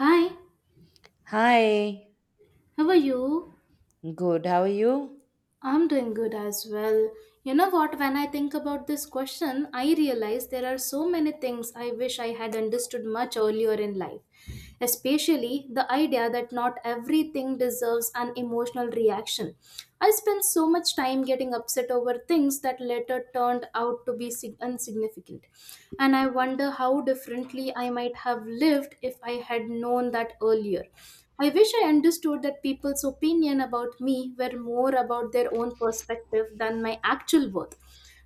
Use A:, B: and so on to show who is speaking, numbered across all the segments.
A: Hi,
B: Hi,
A: how are you?
B: good. How are you?
A: I'm doing good as well. You know what, when I think about this question, I realize there are so many things I wish I had understood much earlier in life, especially the idea that not everything deserves an emotional reaction. I spent so much time getting upset over things that later turned out to be insignificant, and I wonder how differently I might have lived if I had known that earlier. I wish I understood that people's opinion about me were more about their own perspective than my actual worth,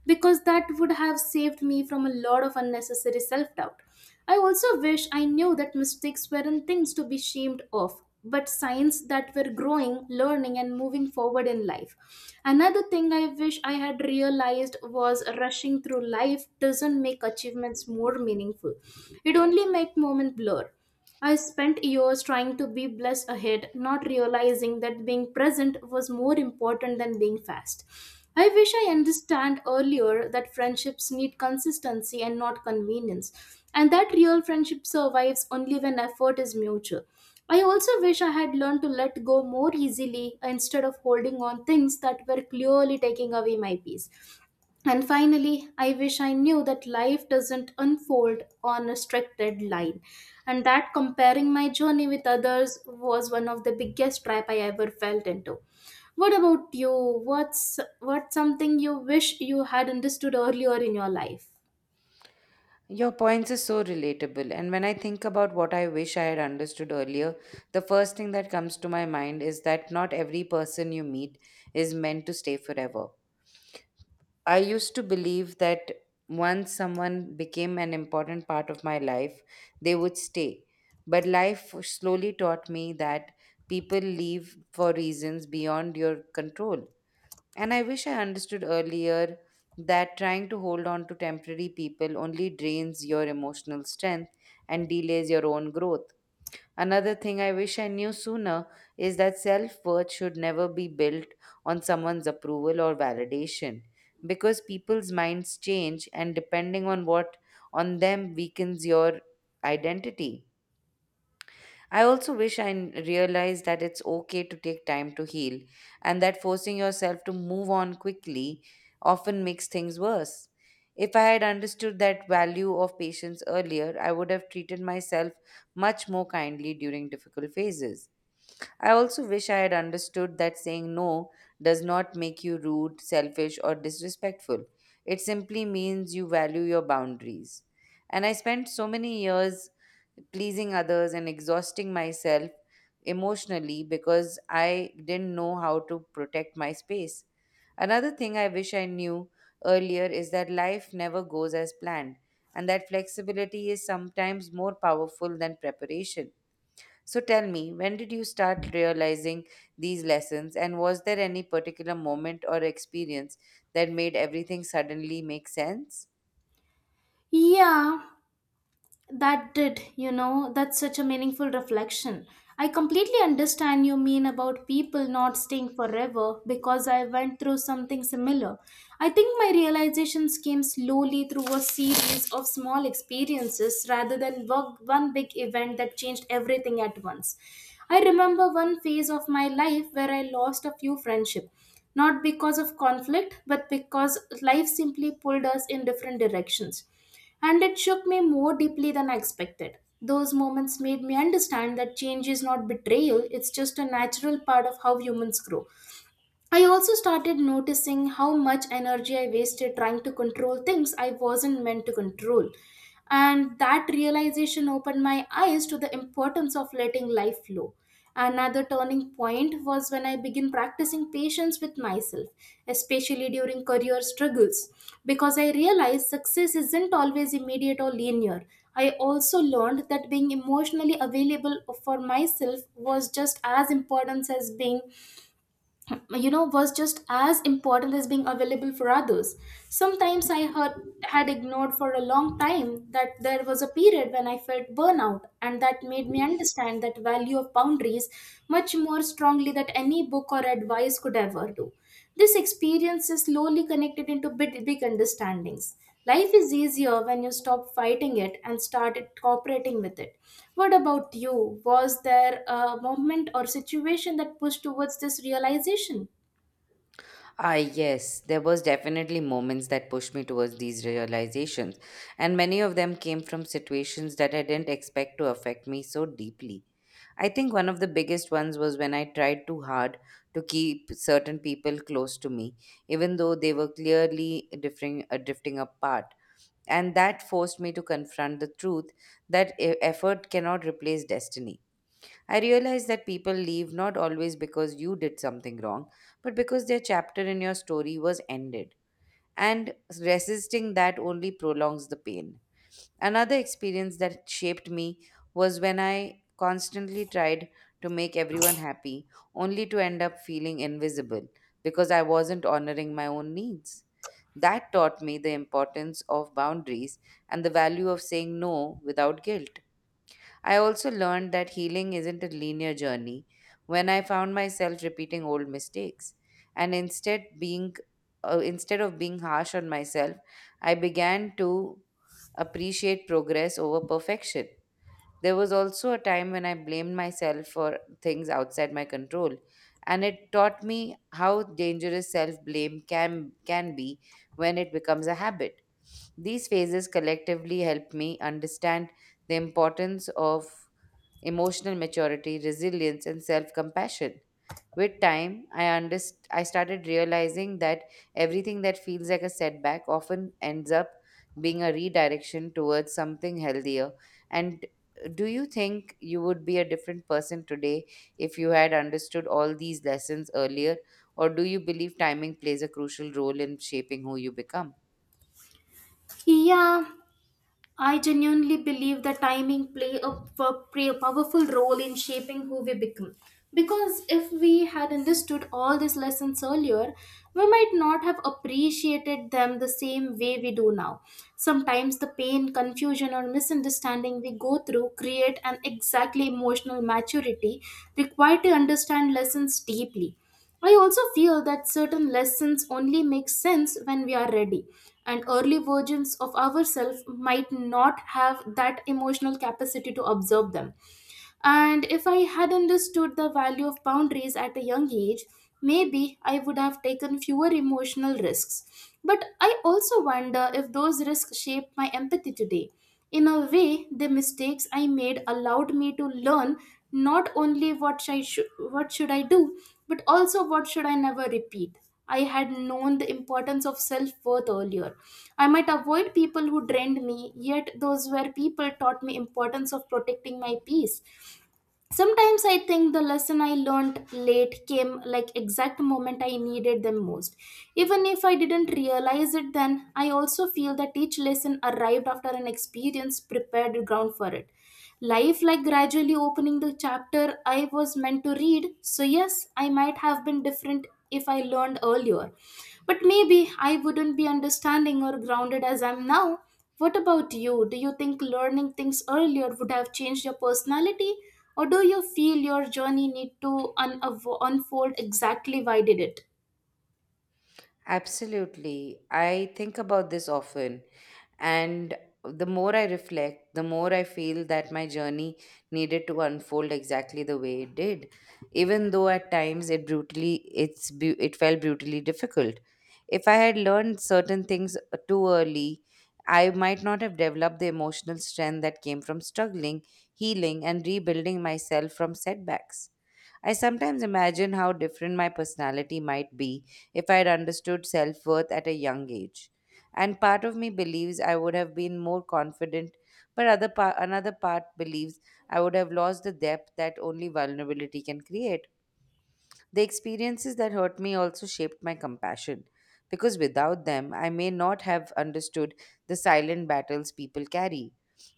A: because that would have saved me from a lot of unnecessary self doubt. I also wish I knew that mistakes weren't things to be shamed of, but signs that we're growing, learning, and moving forward in life. Another thing I wish I had realized was rushing through life doesn't make achievements more meaningful. It only makes moments blur. I spent years trying to be blessed ahead, not realizing that being present was more important than being fast. I wish I understand earlier that friendships need consistency and not convenience, and that real friendship survives only when effort is mutual. I also wish I had learned to let go more easily instead of holding on things that were clearly taking away my peace. And finally, I wish I knew that life doesn't unfold on a strict deadline, and that comparing my journey with others was one of the biggest trap I ever felt into. What about you? What's something you wish you had understood earlier in your life?
B: Your points are so relatable, and when I think about what I wish I had understood earlier, the first thing that comes to my mind is that not every person you meet is meant to stay forever. I used to believe that once someone became an important part of my life, they would stay. But life slowly taught me that people leave for reasons beyond your control. And I wish I understood earlier that trying to hold on to temporary people only drains your emotional strength and delays your own growth. Another thing I wish I knew sooner is that self worth should never be built on someone's approval or validation, because people's minds change and depending on what on them weakens your identity. I also wish I realized that it's okay to take time to heal, and that forcing yourself to move on quickly often makes things worse. If I had understood that value of patience earlier, I would have treated myself much more kindly during difficult phases. I also wish I had understood that saying no does not make you rude, selfish, or disrespectful. It simply means you value your boundaries. And I spent so many years pleasing others and exhausting myself emotionally because I didn't know how to protect my space. Another thing I wish I knew earlier is that life never goes as planned, and that flexibility is sometimes more powerful than preparation. So tell me, when did you start realizing these lessons, and was there any particular moment or experience that made everything suddenly make sense?
A: Yeah, that did, you know, that's such a meaningful reflection. I completely understand you mean about people not staying forever, because I went through something similar. I think my realizations came slowly through a series of small experiences rather than one big event that changed everything at once. I remember one phase of my life where I lost a few friendships, not because of conflict, but because life simply pulled us in different directions, and it shook me more deeply than I expected. Those moments made me understand that change is not betrayal, it's just a natural part of how humans grow. I also started noticing how much energy I wasted trying to control things I wasn't meant to control. And that realization opened my eyes to the importance of letting life flow. Another turning point was when I began practicing patience with myself, especially during career struggles, because I realized success isn't always immediate or linear. I also learned that being emotionally available for myself was just as important as being was just as important as being available for others. Sometimes I had ignored for a long time that there was a period when I felt burnout, and that made me understand that value of boundaries much more strongly than any book or advice could ever do. This experience is slowly connected into big understandings. Life is easier when you stop fighting it and start cooperating with it. What about you? Was there a moment or situation that pushed towards this realization?
B: Ah, yes, there was definitely moments that pushed me towards these realizations, and many of them came from situations that I didn't expect to affect me so deeply. I think one of the biggest ones was when I tried too hard to keep certain people close to me, even though they were clearly drifting apart. And that forced me to confront the truth that effort cannot replace destiny. I realized that people leave not always because you did something wrong, but because their chapter in your story was ended. And resisting that only prolongs the pain. Another experience that shaped me was when I constantly tried to make everyone happy, only to end up feeling invisible because I wasn't honoring my own needs. That taught me the importance of boundaries and the value of saying no without guilt. I also learned that healing isn't a linear journey when I found myself repeating old mistakes, and instead of being harsh on myself, I began to appreciate progress over perfection. There was also a time when I blamed myself for things outside my control, and it taught me how dangerous self-blame can be when it becomes a habit. These phases collectively helped me understand the importance of emotional maturity, resilience, and self compassion. With time, I started realizing that everything that feels like a setback often ends up being a redirection towards something healthier. And do you think you would be a different person today if you had understood all these lessons earlier? Or do you believe timing plays a crucial role in shaping who you become?
A: Yeah, I genuinely believe that timing play a powerful role in shaping who we become. Because if we had understood all these lessons earlier, we might not have appreciated them the same way we do now. Sometimes the pain, confusion, or misunderstanding we go through create an exactly emotional maturity required to understand lessons deeply. I also feel that certain lessons only make sense when we are ready, and early versions of ourselves might not have that emotional capacity to absorb them. And if I had understood the value of boundaries at a young age, maybe I would have taken fewer emotional risks. But I also wonder if those risks shaped my empathy today. In a way, the mistakes I made allowed me to learn not only what should I do, but also what should I never repeat. I had known the importance of self-worth earlier. I might avoid people who drained me, yet those were people taught me importance of protecting my peace. Sometimes I think the lesson I learned late came like exact moment I needed them most. Even if I didn't realize it then, I also feel that each lesson arrived after an experience prepared ground for it. Life like gradually opening the chapter I was meant to read, so yes, I might have been different if I learned earlier. But maybe I wouldn't be understanding or grounded as I'm now. What about you? Do you think learning things earlier would have changed your personality, or do you feel your journey need to unfold exactly why did it?
B: Absolutely. I think about this often. And the more I reflect, the more I feel that my journey needed to unfold exactly the way it did, even though at times it felt brutally difficult. If I had learned certain things too early, I might not have developed the emotional strength that came from struggling, healing, and rebuilding myself from setbacks. I sometimes imagine how different my personality might be if I had understood self worth at a young age. And part of me believes I would have been more confident, but another part believes I would have lost the depth that only vulnerability can create. The experiences that hurt me also shaped my compassion, because without them, I may not have understood the silent battles people carry.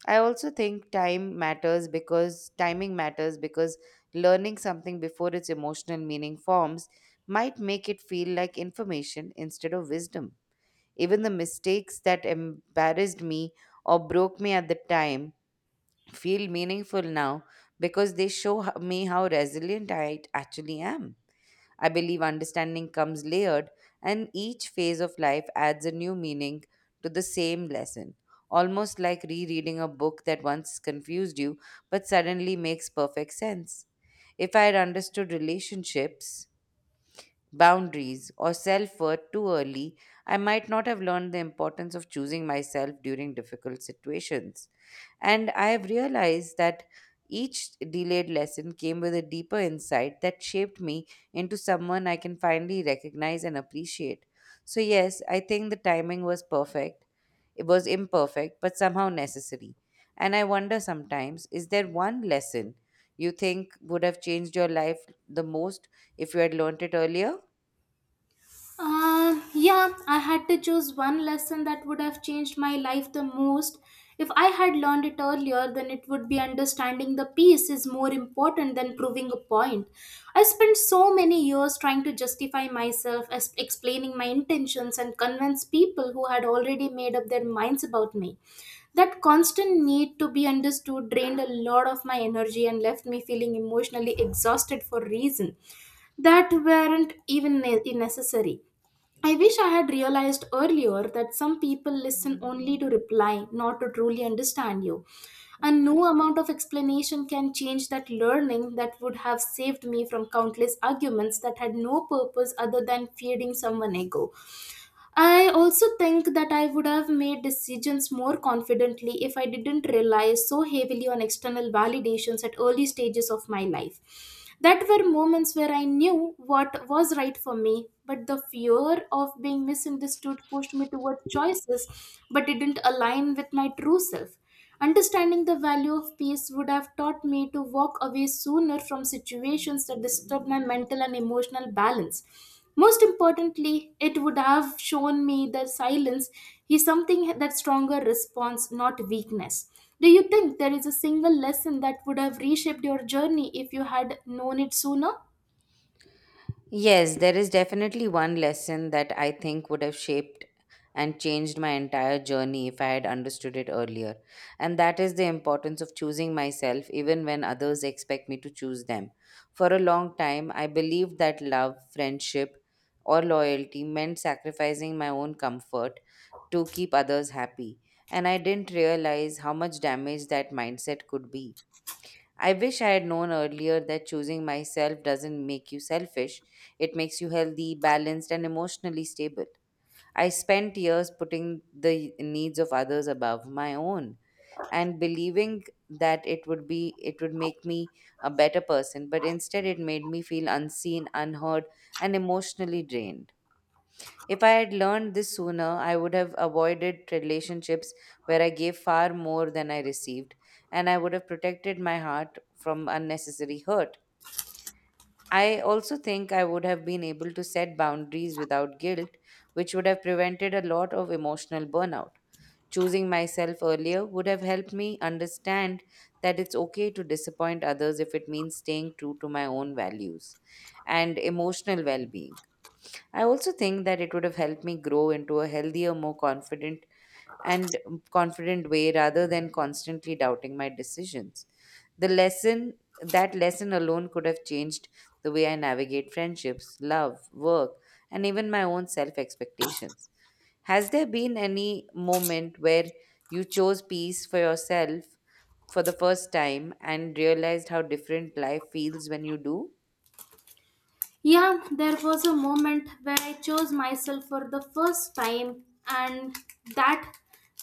B: I also think time matters, because timing matters, because learning something before its emotional meaning forms might make it feel like information instead of wisdom. Even the mistakes that embarrassed me or broke me at the time feel meaningful now because they show me how resilient I actually am. I believe understanding comes layered, and each phase of life adds a new meaning to the same lesson, almost like rereading a book that once confused you but suddenly makes perfect sense. If I had understood relationships, boundaries, or self worth too early, I might not have learned the importance of choosing myself during difficult situations. And I have realized that each delayed lesson came with a deeper insight that shaped me into someone I can finally recognize and appreciate. So, yes, I think the timing was perfect. It was imperfect, but somehow necessary. And I wonder sometimes, is there one lesson you think would have changed your life the most if you had learnt it earlier?
A: Yeah, I had to choose one lesson that would have changed my life the most. If I had learned it earlier, then it would be understanding the piece is more important than proving a point. I spent so many years trying to justify myself, as explaining my intentions, and convince people who had already made up their minds about me. That constant need to be understood drained a lot of my energy and left me feeling emotionally exhausted for reasons that weren't even necessary. I wish I had realized earlier that some people listen only to reply, not to truly understand you. And no amount of explanation can change that, learning that would have saved me from countless arguments that had no purpose other than feeding someone ego. I also think that I would have made decisions more confidently if I didn't rely so heavily on external validations at early stages of my life. That were moments where I knew what was right for me, but the fear of being misunderstood pushed me toward choices but didn't align with my true self. Understanding the value of peace would have taught me to walk away sooner from situations that disturb my mental and emotional balance. Most importantly, it would have shown me that silence is something that stronger response, not weakness. Do you think there is a single lesson that would have reshaped your journey if you had known it sooner?
B: Yes, there is definitely one lesson that I think would have shaped and changed my entire journey if I had understood it earlier. And that is the importance of choosing myself even when others expect me to choose them. For a long time, I believed that love, friendship, or loyalty meant sacrificing my own comfort to keep others happy. And I didn't realize how much damage that mindset could be. I wish I had known earlier that choosing myself doesn't make you selfish. It makes you healthy, balanced, and emotionally stable. I spent years putting the needs of others above my own and believing that it would make me a better person, but instead it made me feel unseen, unheard, and emotionally drained. If I had learned this sooner, I would have avoided relationships where I gave far more than I received, and I would have protected my heart from unnecessary hurt. I also think I would have been able to set boundaries without guilt, which would have prevented a lot of emotional burnout. Choosing myself earlier would have helped me understand that it's okay to disappoint others if it means staying true to my own values and emotional well being. I also think that it would have helped me grow into a healthier, more confident and confident way rather than constantly doubting my decisions. The lesson that lesson alone could have changed the way I navigate friendships, love, work, and even my own self expectations. Has there been any moment where you chose peace for yourself for the first time and realized how different life feels when you do?
A: Yeah, there was a moment where I chose myself for the first time, and that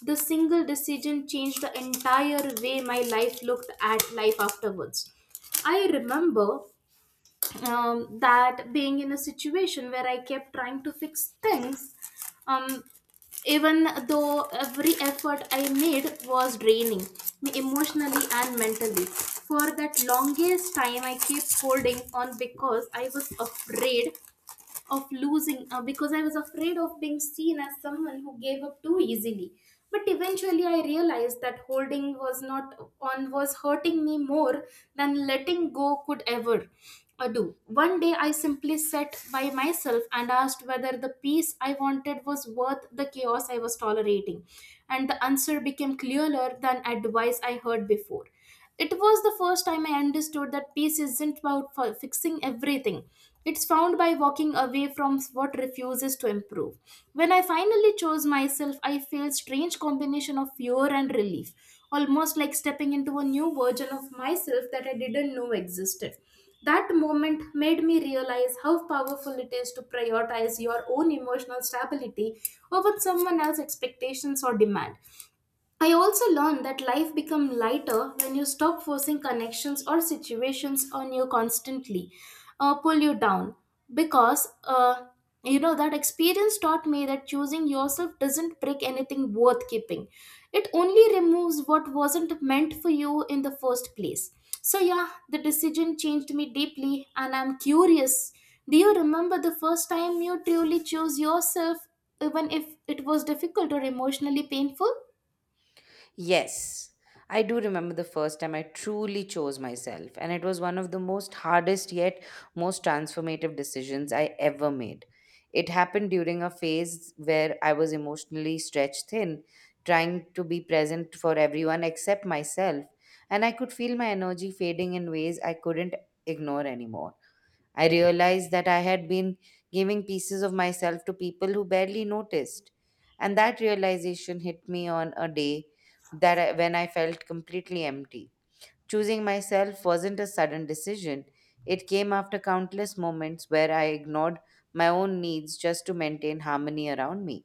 A: the single decision changed the entire way my life looked at life afterwards. I remember that being in a situation where I kept trying to fix things, um, even though every effort I made was draining me emotionally and mentally. For that longest time, I kept holding on because I was afraid of losing because I was afraid of being seen as someone who gave up too easily. But eventually, I realized that holding was not on was hurting me more than letting go could ever do. One day, I simply sat by myself and asked whether the peace I wanted was worth the chaos I was tolerating, and the answer became clearer than advice I heard before. It was the first time I understood that peace isn't about fixing everything. It's found by walking away from what refuses to improve. When I finally chose myself, I felt strange combination of fear and relief, almost like stepping into a new version of myself that I didn't know existed. That moment made me realize how powerful it is to prioritize your own emotional stability over someone else's expectations or demand. I also learned that life becomes lighter when you stop forcing connections or situations on you constantly, pull you down. Because, uh, that experience taught me that choosing yourself doesn't break anything worth keeping. It only removes what wasn't meant for you in the first place. So, yeah, the decision changed me deeply, and I'm curious. Do you remember the first time you truly chose yourself, even if it was difficult or emotionally painful?
B: Yes, I do remember the first time I truly chose myself, and it was one of the most hardest yet most transformative decisions I ever made. It happened during a phase where I was emotionally stretched thin, trying to be present for everyone except myself, and I could feel my energy fading in ways I couldn't ignore anymore. I realized that I had been giving pieces of myself to people who barely noticed. And that realization hit me on a day when I felt completely empty. Choosing myself wasn't a sudden decision. It came after countless moments where I ignored my own needs just to maintain harmony around me.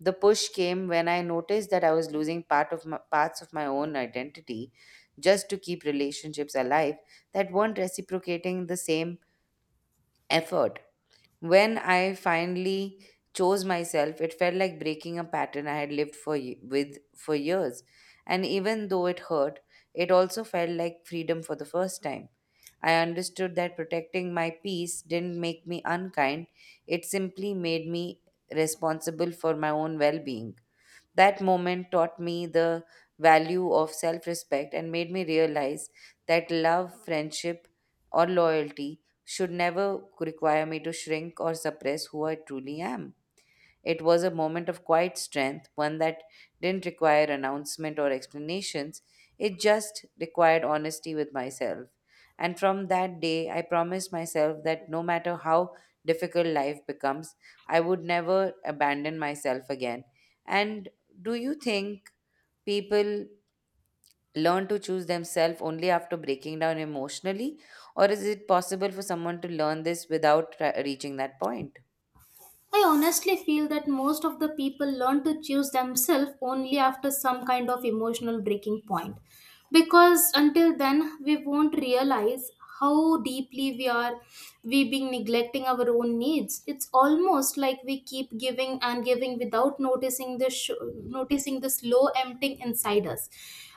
B: The push came when I noticed that I was losing parts of my own identity just to keep relationships alive that weren't reciprocating the same effort. When I finally chose myself, it felt like breaking a pattern I had lived with for years. And even though it hurt, it also felt like freedom for the first time. I understood that protecting my peace didn't make me unkind, it simply made me responsible for my own well-being. That moment taught me the value of self respect and made me realize that love, friendship, or loyalty should never require me to shrink or suppress who I truly am. It was a moment of quiet strength, one that didn't require announcement or explanations. It just required honesty with myself. And from that day, I promised myself that no matter how difficult life becomes, I would never abandon myself again. And do you think people learn to choose themselves only after breaking down emotionally? Or is it possible for someone to learn this without reaching that point?
A: I honestly feel that most of the people learn to choose themselves only after some kind of emotional breaking point. Because until then, we won't realize how deeply we being neglecting our own needs. It's almost like we keep giving and giving without noticing the noticing the slow emptying inside us,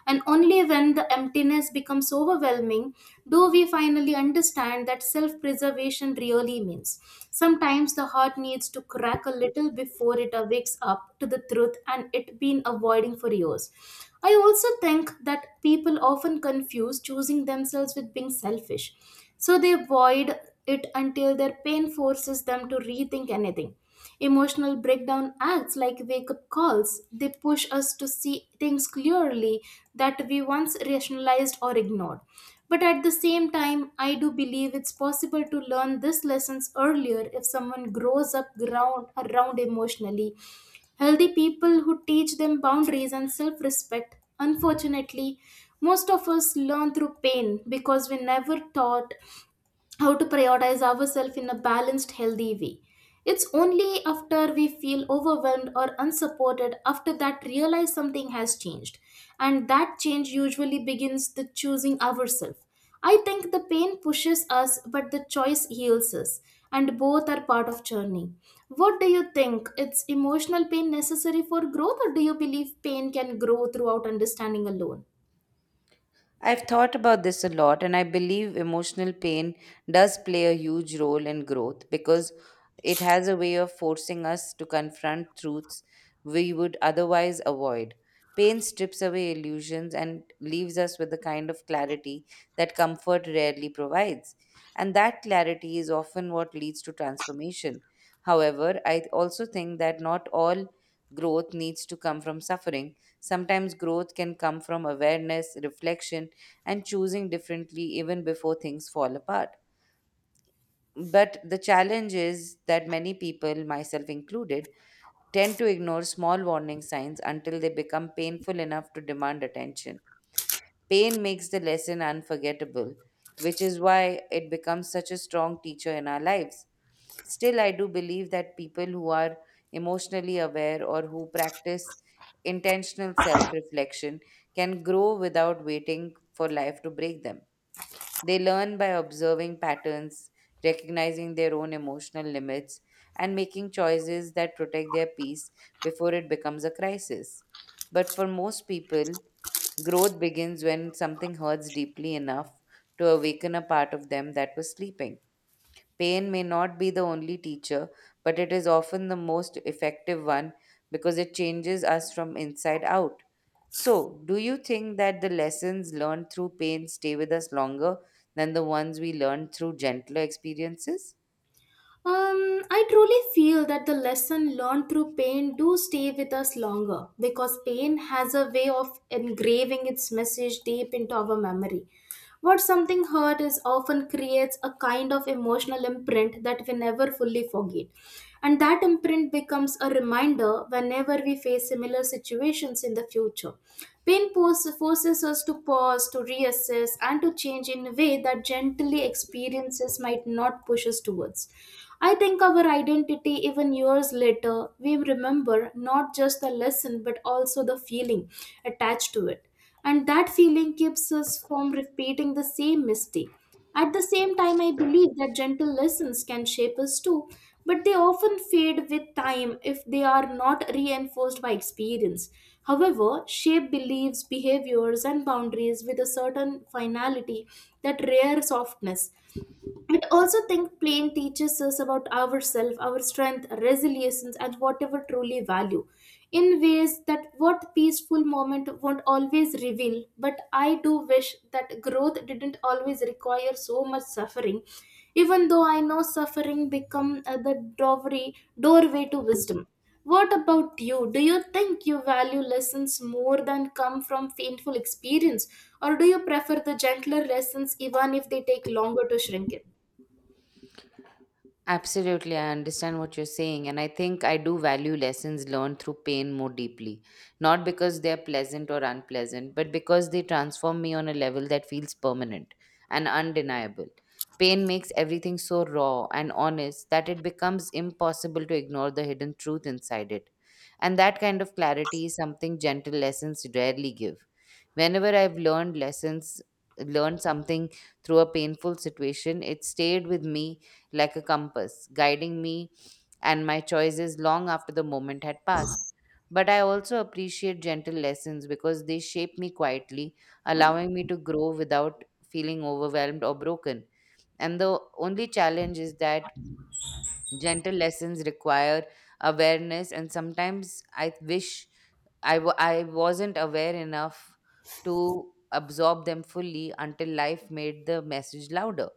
A: and only when the emptiness becomes overwhelming do we finally understand that self preservation really means. Sometimes the heart needs to crack a little before it awakes up to the truth and it been avoiding for years. I also think that people often confuse choosing themselves with being selfish. So they avoid it until their pain forces them to rethink anything. Emotional breakdown acts like wake up calls. They push us to see things clearly that we once rationalized or ignored. But at the same time, I do believe it's possible to learn these lessons earlier if someone grows up around emotionally. Healthy people who teach them boundaries and self respect. Unfortunately, most of us learn through pain because we never taught how to prioritize ourselves in a balanced, healthy way. It's only after we feel overwhelmed or unsupported, after that, realize something has changed. And that change usually begins the choosing ourselves. I think the pain pushes us, but the choice heals us, and both are part of journey. What do you think? It's emotional pain necessary for growth, or do you believe pain can grow throughout understanding alone?
B: I've thought about this a lot, and I believe emotional pain does play a huge role in growth because it has a way of forcing us to confront truths we would otherwise avoid. Pain strips away illusions and leaves us with a kind of clarity that comfort rarely provides. And that clarity is often what leads to transformation. However, I also think that not all growth needs to come from suffering. Sometimes growth can come from awareness, reflection, and choosing differently even before things fall apart. But the challenge is that many people, myself included, tend to ignore small warning signs until they become painful enough to demand attention. Pain makes the lesson unforgettable, which is why it becomes such a strong teacher in our lives. Still, I do believe that people who are emotionally aware or who practice intentional self reflection can grow without waiting for life to break them. They learn by observing patterns, recognizing their own emotional limits, and making choices that protect their peace before it becomes a crisis. But for most people, growth begins when something hurts deeply enough to awaken a part of them that was sleeping. Pain may not be the only teacher, but it is often the most effective one because it changes us from inside out. So, do you think that the lessons learned through pain stay with us longer than the ones we learned through gentler experiences?
A: I truly feel that the lesson learned through pain do stay with us longer because pain has a way of engraving its message deep into our memory. What something hurt is often creates a kind of emotional imprint that we never fully forget. And that imprint becomes a reminder whenever we face similar situations in the future. Forces us to pause, to reassess, and to change in a way that gently experiences might not push us towards. I think our identity, even years later, we remember not just the lesson but also the feeling attached to it, and that feeling keeps us from repeating the same mistake. At the same time, I believe that gentle lessons can shape us too, but they often fade with time if they are not reinforced by experience. However, shape beliefs, behaviors, and boundaries with a certain finality that rare softness. I also think playing teaches us about ourselves, our strength, resilience, and whatever truly value in ways that what peaceful moment won't always reveal. But I do wish that growth didn't always require so much suffering, even though I know suffering become the doorway, doorway to wisdom. What about you? Do you think you value lessons more than come from painful experience, or do you prefer the gentler lessons even if they take longer to shrink it?
B: Absolutely, I understand what you're saying, and I think I do value lessons learned through pain more deeply. Not because they're pleasant or unpleasant, but because they transform me on a level that feels permanent and undeniable. Pain makes everything so raw and honest that it becomes impossible to ignore the hidden truth inside it. And that kind of clarity is something gentle lessons rarely give. Whenever I've learned lessons, Learned something through a painful situation, it stayed with me like a compass, guiding me and my choices long after the moment had passed. But I also appreciate gentle lessons because they shape me quietly, allowing me to grow without feeling overwhelmed or broken. And the only challenge is that gentle lessons require awareness, and sometimes I wish I wasn't aware enough to absorb them fully until life made the message louder.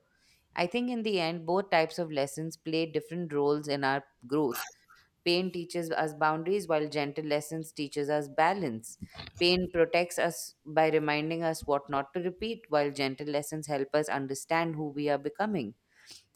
B: I think in the end, both types of lessons play different roles in our growth. Pain teaches us boundaries, while gentle lessons teaches us balance. Pain protects us by reminding us what not to repeat, while gentle lessons help us understand who we are becoming.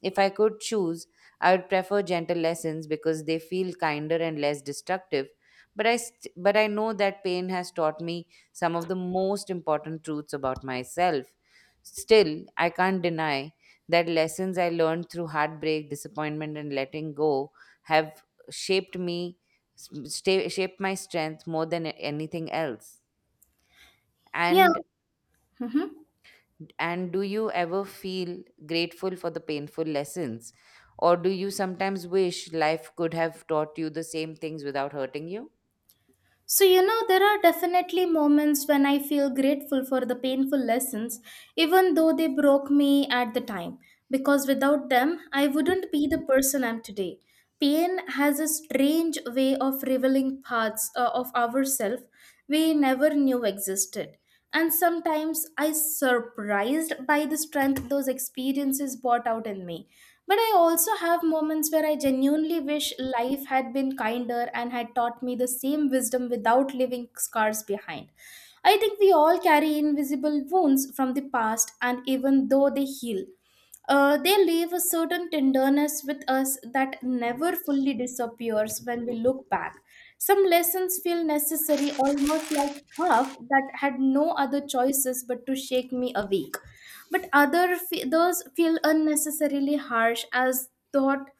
B: If I could choose, I would prefer gentle lessons because they feel kinder and less destructive. But I know that pain has taught me some of the most important truths about myself. Still, I can't deny that lessons I learned through heartbreak, disappointment, and letting go have shaped me, s- shaped my strength more than anything else.
A: Yeah,
B: And and do you ever feel grateful for the painful lessons? Or do you sometimes wish life could have taught you the same things without hurting you?
A: so you know, there are definitely moments when I feel grateful for the painful lessons, even though they broke me at the time, because without them, I wouldn't be the person I'm today. Pain has a strange way of revealing parts of ourselves we never knew existed. And sometimes I surprised by the strength those experiences brought out in me. But I also have moments where I genuinely wish life had been kinder and had taught me the same wisdom without leaving scars behind. I think we all carry invisible wounds from the past, and even though they heal, they leave a certain tenderness with us that never fully disappears when we look back. Some lessons feel necessary, almost like half that had no other choices but to shake me awake, but those feel unnecessarily harsh as thought,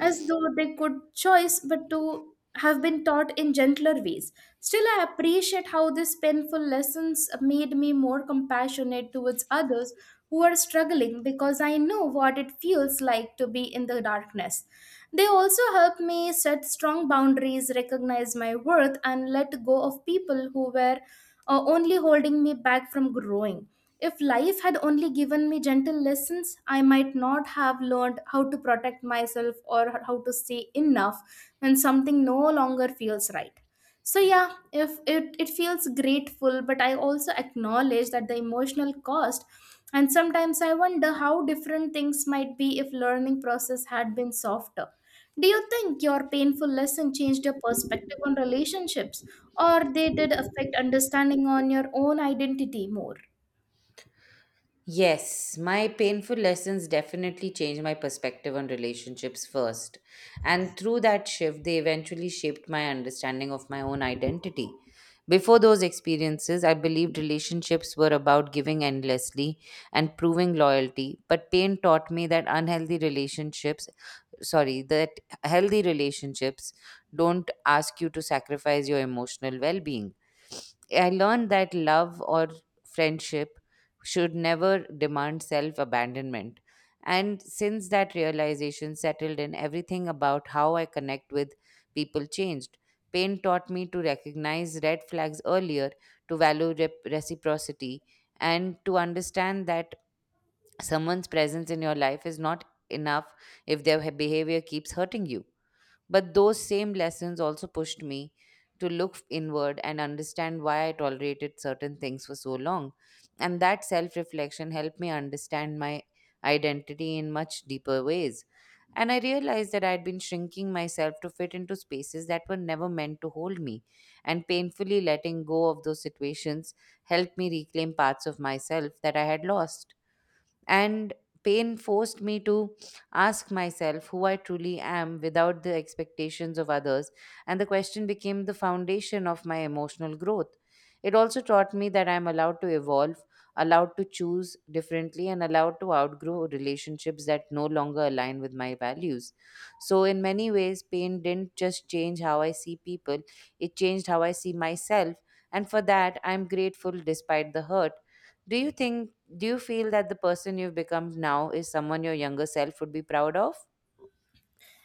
A: as though they could choice but to have been taught in gentler ways. Still, I appreciate how these painful lessons made me more compassionate towards others who are struggling because I know what it feels like to be in the darkness. They also helped me set strong boundaries, recognize my worth, and let go of people who were only holding me back from growing. If life had only given me gentle lessons, I might not have learned how to protect myself or how to say enough when something no longer feels right. So yeah, if it, it feels grateful, but I also acknowledge that the emotional cost, and sometimes I wonder how different things might be if learning process had been softer. Do you think your painful lesson changed your perspective on relationships, or they did affect understanding on your own identity more?
B: Yes, my painful lessons definitely changed my perspective on relationships first. And through that shift, they eventually shaped my understanding of my own identity. Before those experiences, I believed relationships were about giving endlessly and proving loyalty. But pain taught me that unhealthy relationships, sorry, that healthy relationships don't ask you to sacrifice your emotional well being. I learned that love or friendship should never demand self abandonment. And since that realization settled in, everything about how I connect with people changed. Pain taught me to recognize red flags earlier, to value reciprocity, and to understand that someone's presence in your life is not enough if their behavior keeps hurting you. But those same lessons also pushed me to look inward and understand why I tolerated certain things for so long. And that self reflection helped me understand my identity in much deeper ways. And I realized that I had been shrinking myself to fit into spaces that were never meant to hold me. And painfully letting go of those situations helped me reclaim parts of myself that I had lost, and pain forced me to ask myself who I truly am without the expectations of others, and the question became the foundation of my emotional growth. It also taught me that I am allowed to evolve, allowed to choose differently, and allowed to outgrow relationships that no longer align with my values. So, in many ways, pain didn't just change how I see people, it changed how I see myself, and for that, I'm grateful despite the hurt. Do you think do you feel that the person you've become now is someone your younger self would be proud of?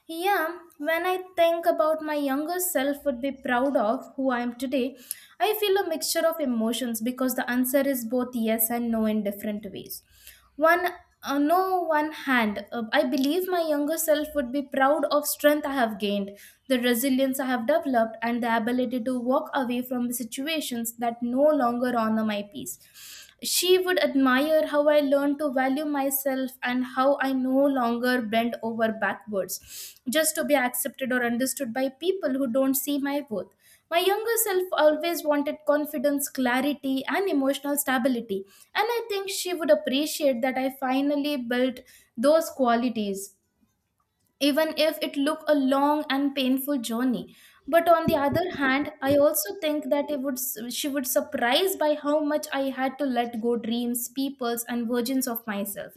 A: Yeah, when I think about my younger self would be proud of who I am today, I feel a mixture of emotions because the answer is both yes and no in different ways. One no one hand, I believe my younger self would be proud of strength I have gained, the resilience I have developed, and the ability to walk away from situations that no longer honor my peace. She would admire how I learned to value myself and how I no longer bend over backwards just to be accepted or understood by people who don't see my worth. My younger self always wanted confidence, clarity, and emotional stability, and I think she would appreciate that I finally built those qualities, even if it look a long and painful journey. But on the other hand, I also think that it would, she would surprise by how much I had to let go dreams, peoples, and versions of myself.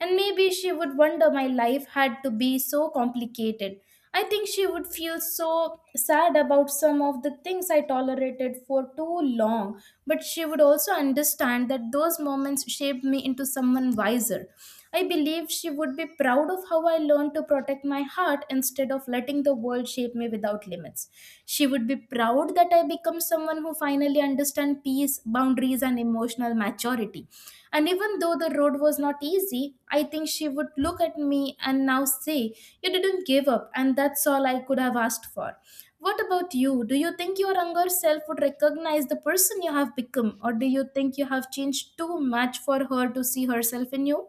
A: And maybe she would wonder my life had to be so complicated. I think she would feel so sad about some of the things I tolerated for too long, but she would also understand that those moments shaped me into someone wiser. I believe she would be proud of how I learned to protect my heart instead of letting the world shape me without limits. She would be proud that I become someone who finally really understand peace, boundaries, and emotional maturity. And even though the road was not easy, I think she would look at me and now say, you didn't give up, and that's all I could have asked for. What about you? Do you think your younger self would recognize the person you have become, or do you think you have changed too much for her to see herself in you?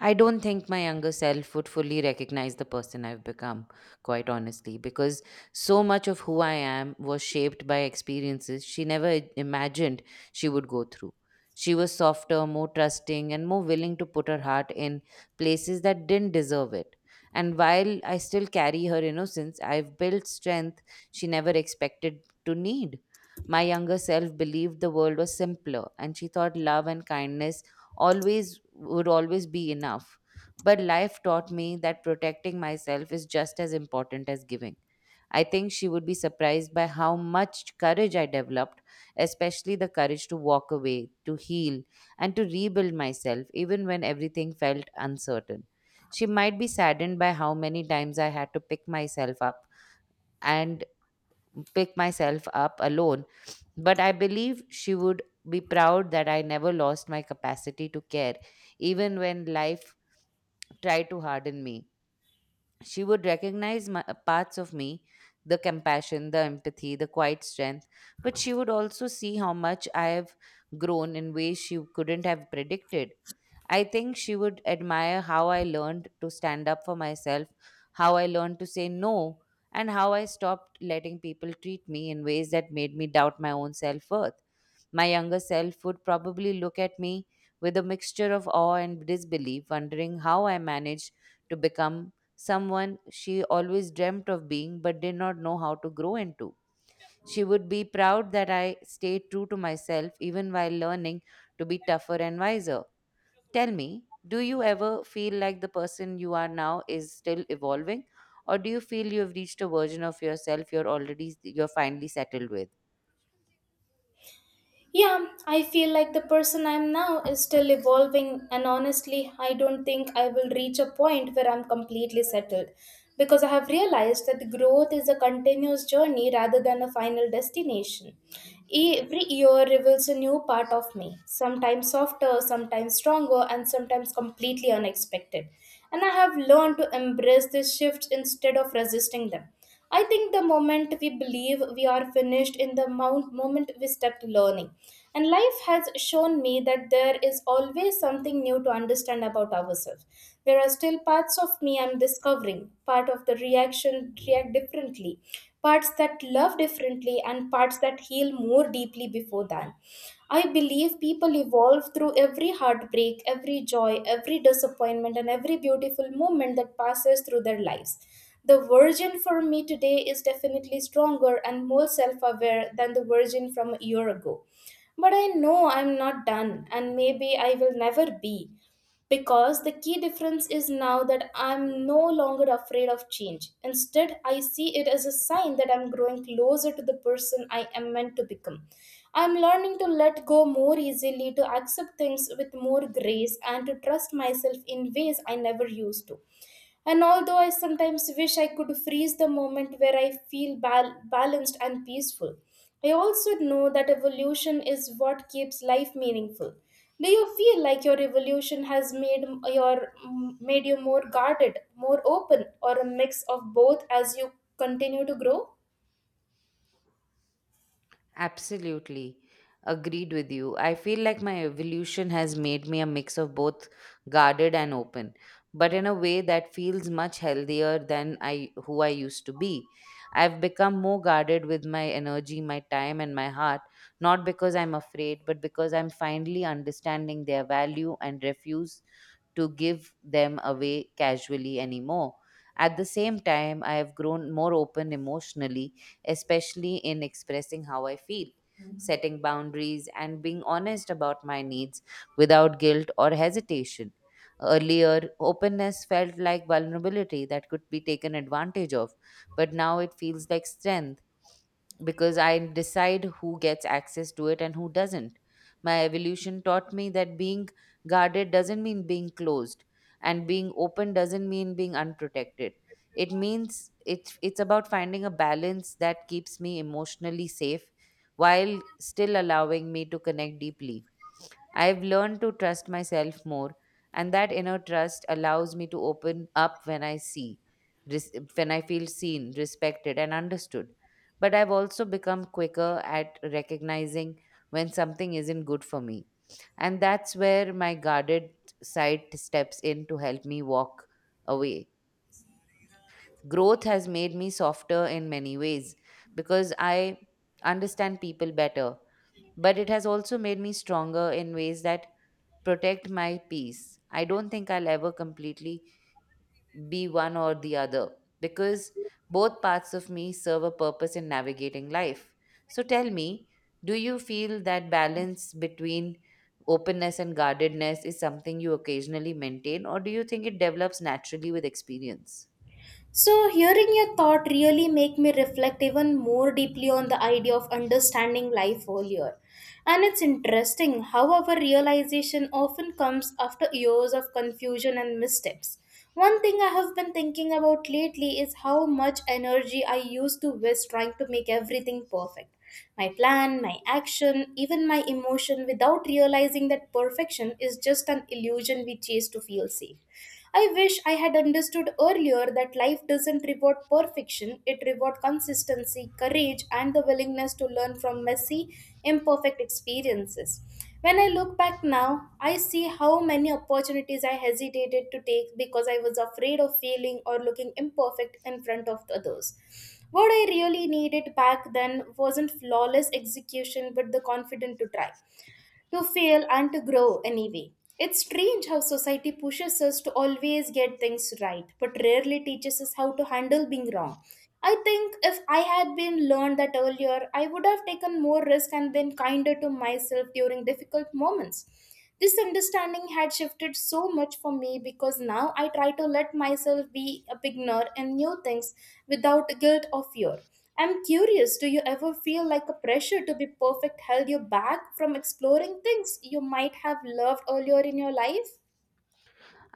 B: I don't think my younger self would fully recognize the person I've become, quite honestly, because so much of who I am was shaped by experiences she never imagined she would go through. She was softer, more trusting, and more willing to put her heart in places that didn't deserve it. And while I still carry her innocence, I've built strength she never expected to need. My younger self believed the world was simpler, and she thought love and kindness always would always be enough. But life taught me that protecting myself is just as important as giving. I think she would be surprised by how much courage I developed, especially the courage to walk away, to heal, and to rebuild myself, even when everything felt uncertain. She might be saddened by how many times I had to and pick myself up alone, but I believe she would be proud that I never lost my capacity to care, even when life tried to harden me. She would recognize my parts of me, the compassion, the empathy, the quiet strength, but she would also see how much I have grown in ways she couldn't have predicted. I think she would admire how I learned to stand up for myself, how I learned to say no, and how I stopped letting people treat me in ways that made me doubt my own self worth. My younger self would probably look at me with a mixture of awe and disbelief, wondering how I managed to become someone she always dreamt of being but did not know how to grow into. She would be proud that I stayed true to myself even while learning to be tougher and wiser. Tell me, do you ever feel like the person you are now is still evolving, or do you feel you have reached a version of yourself you're finally settled with?
A: Yeah, I feel like the person I am now is still evolving, and honestly, I don't think I will reach a point where I'm completely settled because I have realized that growth is a continuous journey rather than a final destination. Every year reveals a new part of me, sometimes softer, sometimes stronger, and sometimes completely unexpected. And I have learned to embrace these shifts instead of resisting them. I think the moment we believe we are finished in the moment we step to learning. And life has shown me that there is always something new to understand about ourselves. There are still parts of me I'm discovering, part of the reaction react differently, parts that love differently, and parts that heal more deeply before that. I believe people evolve through every heartbreak, every joy, every disappointment, and every beautiful moment that passes through their lives. The version for me today is definitely stronger and more self aware than the version from a year ago. But I know I'm not done, and maybe I will never be because the key difference is now that I'm no longer afraid of change. Instead, I see it as a sign that I'm growing closer to the person I am meant to become. I'm learning to let go more easily, to accept things with more grace, and to trust myself in ways I never used to. And although I sometimes wish I could freeze the moment where I feel balanced and peaceful, I also know that evolution is what keeps life meaningful. Do you feel like your evolution has made you more guarded, more open, or a mix of both as you continue to grow?
B: Absolutely. Agreed with you. I feel like my evolution has made me a mix of both guarded and open, but in a way that feels much healthier than I who I used to be. I've become more guarded with my energy, my time and my heart, not because I'm afraid, but because I'm finally understanding their value and refuse to give them away casually anymore. At the same time, I have grown more open emotionally, especially in expressing how I feel, Mhm, setting boundaries, and being honest about my needs without guilt or hesitation. Earlier, openness felt like vulnerability that could be taken advantage of, but now it feels like strength because I decide who gets access to it and who doesn't. My evolution taught me that being guarded doesn't mean being closed, and being open doesn't mean being unprotected. It means it's about finding a balance that keeps me emotionally safe while still allowing me to connect deeply. I've learned to trust myself more, and that inner trust allows me to open up when I feel seen, respected, and understood. But I've also become quicker at recognizing when something isn't good for me. And that's where my guarded side steps in to help me walk away. Growth has made me softer in many ways because I understand people better, but it has also made me stronger in ways that protect my peace. I don't think I'll ever completely be one or the other because both parts of me serve a purpose in navigating life. So tell me, do you feel that balance between openness and guardedness is something you occasionally maintain, or do you think it develops naturally with experience?
A: So, hearing your thought really make me reflect even more deeply on the idea of understanding life earlier. And it's interesting how our realization often comes after years of confusion and missteps. One thing I have been thinking about lately is how much energy I used to waste trying to make everything perfect. My plan, my action, even my emotion without realizing that perfection is just an illusion we chase to feel safe. I wish I had understood earlier that life doesn't reward perfection, it rewards consistency, courage, and the willingness to learn from messy, imperfect experiences. When I look back now, I see how many opportunities I hesitated to take because I was afraid of failing or looking imperfect in front of others. What I really needed back then wasn't flawless execution but the confidence to try, to fail, and to grow anyway. It's strange how society pushes us to always get things right, but rarely teaches us how to handle being wrong. I think if I had been learned that earlier, I would have taken more risk and been kinder to myself during difficult moments. This understanding had shifted so much for me because now I try to let myself be a beginner in new things without guilt or fear. I'm curious, do you ever feel like a pressure to be perfect held you back from exploring things you might have loved earlier in your life?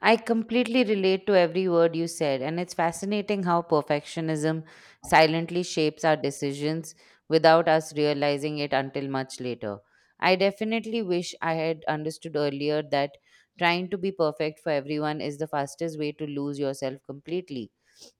B: I completely relate to every word you said, and it's fascinating how perfectionism silently shapes our decisions without us realizing it until much later. I definitely wish I had understood earlier that trying to be perfect for everyone is the fastest way to lose yourself completely.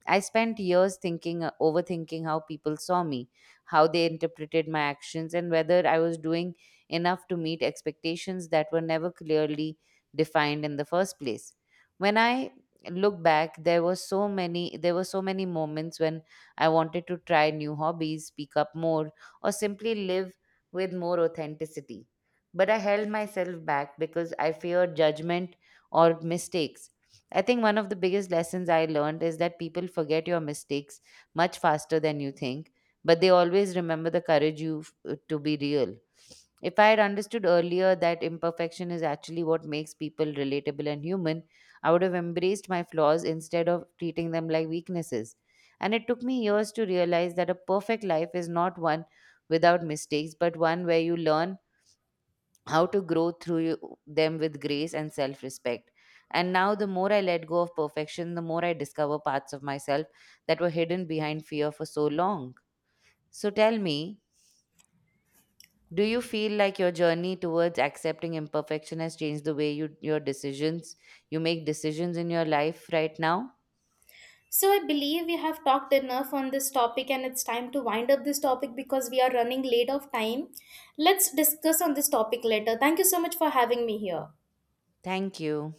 B: I spent years overthinking how people saw me, how they interpreted my actions, and whether I was doing enough to meet expectations that were never clearly defined in the first place. When I look back, there were so many moments when I wanted to try new hobbies, speak up more, or simply live with more authenticity. But I held myself back because I feared judgment or mistakes. I think one of the biggest lessons I learned is that people forget your mistakes much faster than you think, but they always remember the courage to be real. If I had understood earlier that imperfection is actually what makes people relatable and human, I would have embraced my flaws instead of treating them like weaknesses. And it took me years to realize that a perfect life is not one without mistakes, but one where you learn how to grow through them with grace and self respect. And now, the more I let go of perfection, the more I discover parts of myself that were hidden behind fear for so long. So, tell me, do you feel like your journey towards accepting imperfection has changed your decisions, you make decisions in your life right now?
A: So I believe we have talked enough on this topic and it's time to wind up this topic because we are running late of time. Let's discuss on this topic later. Thank you so much for having me here.
B: Thank you.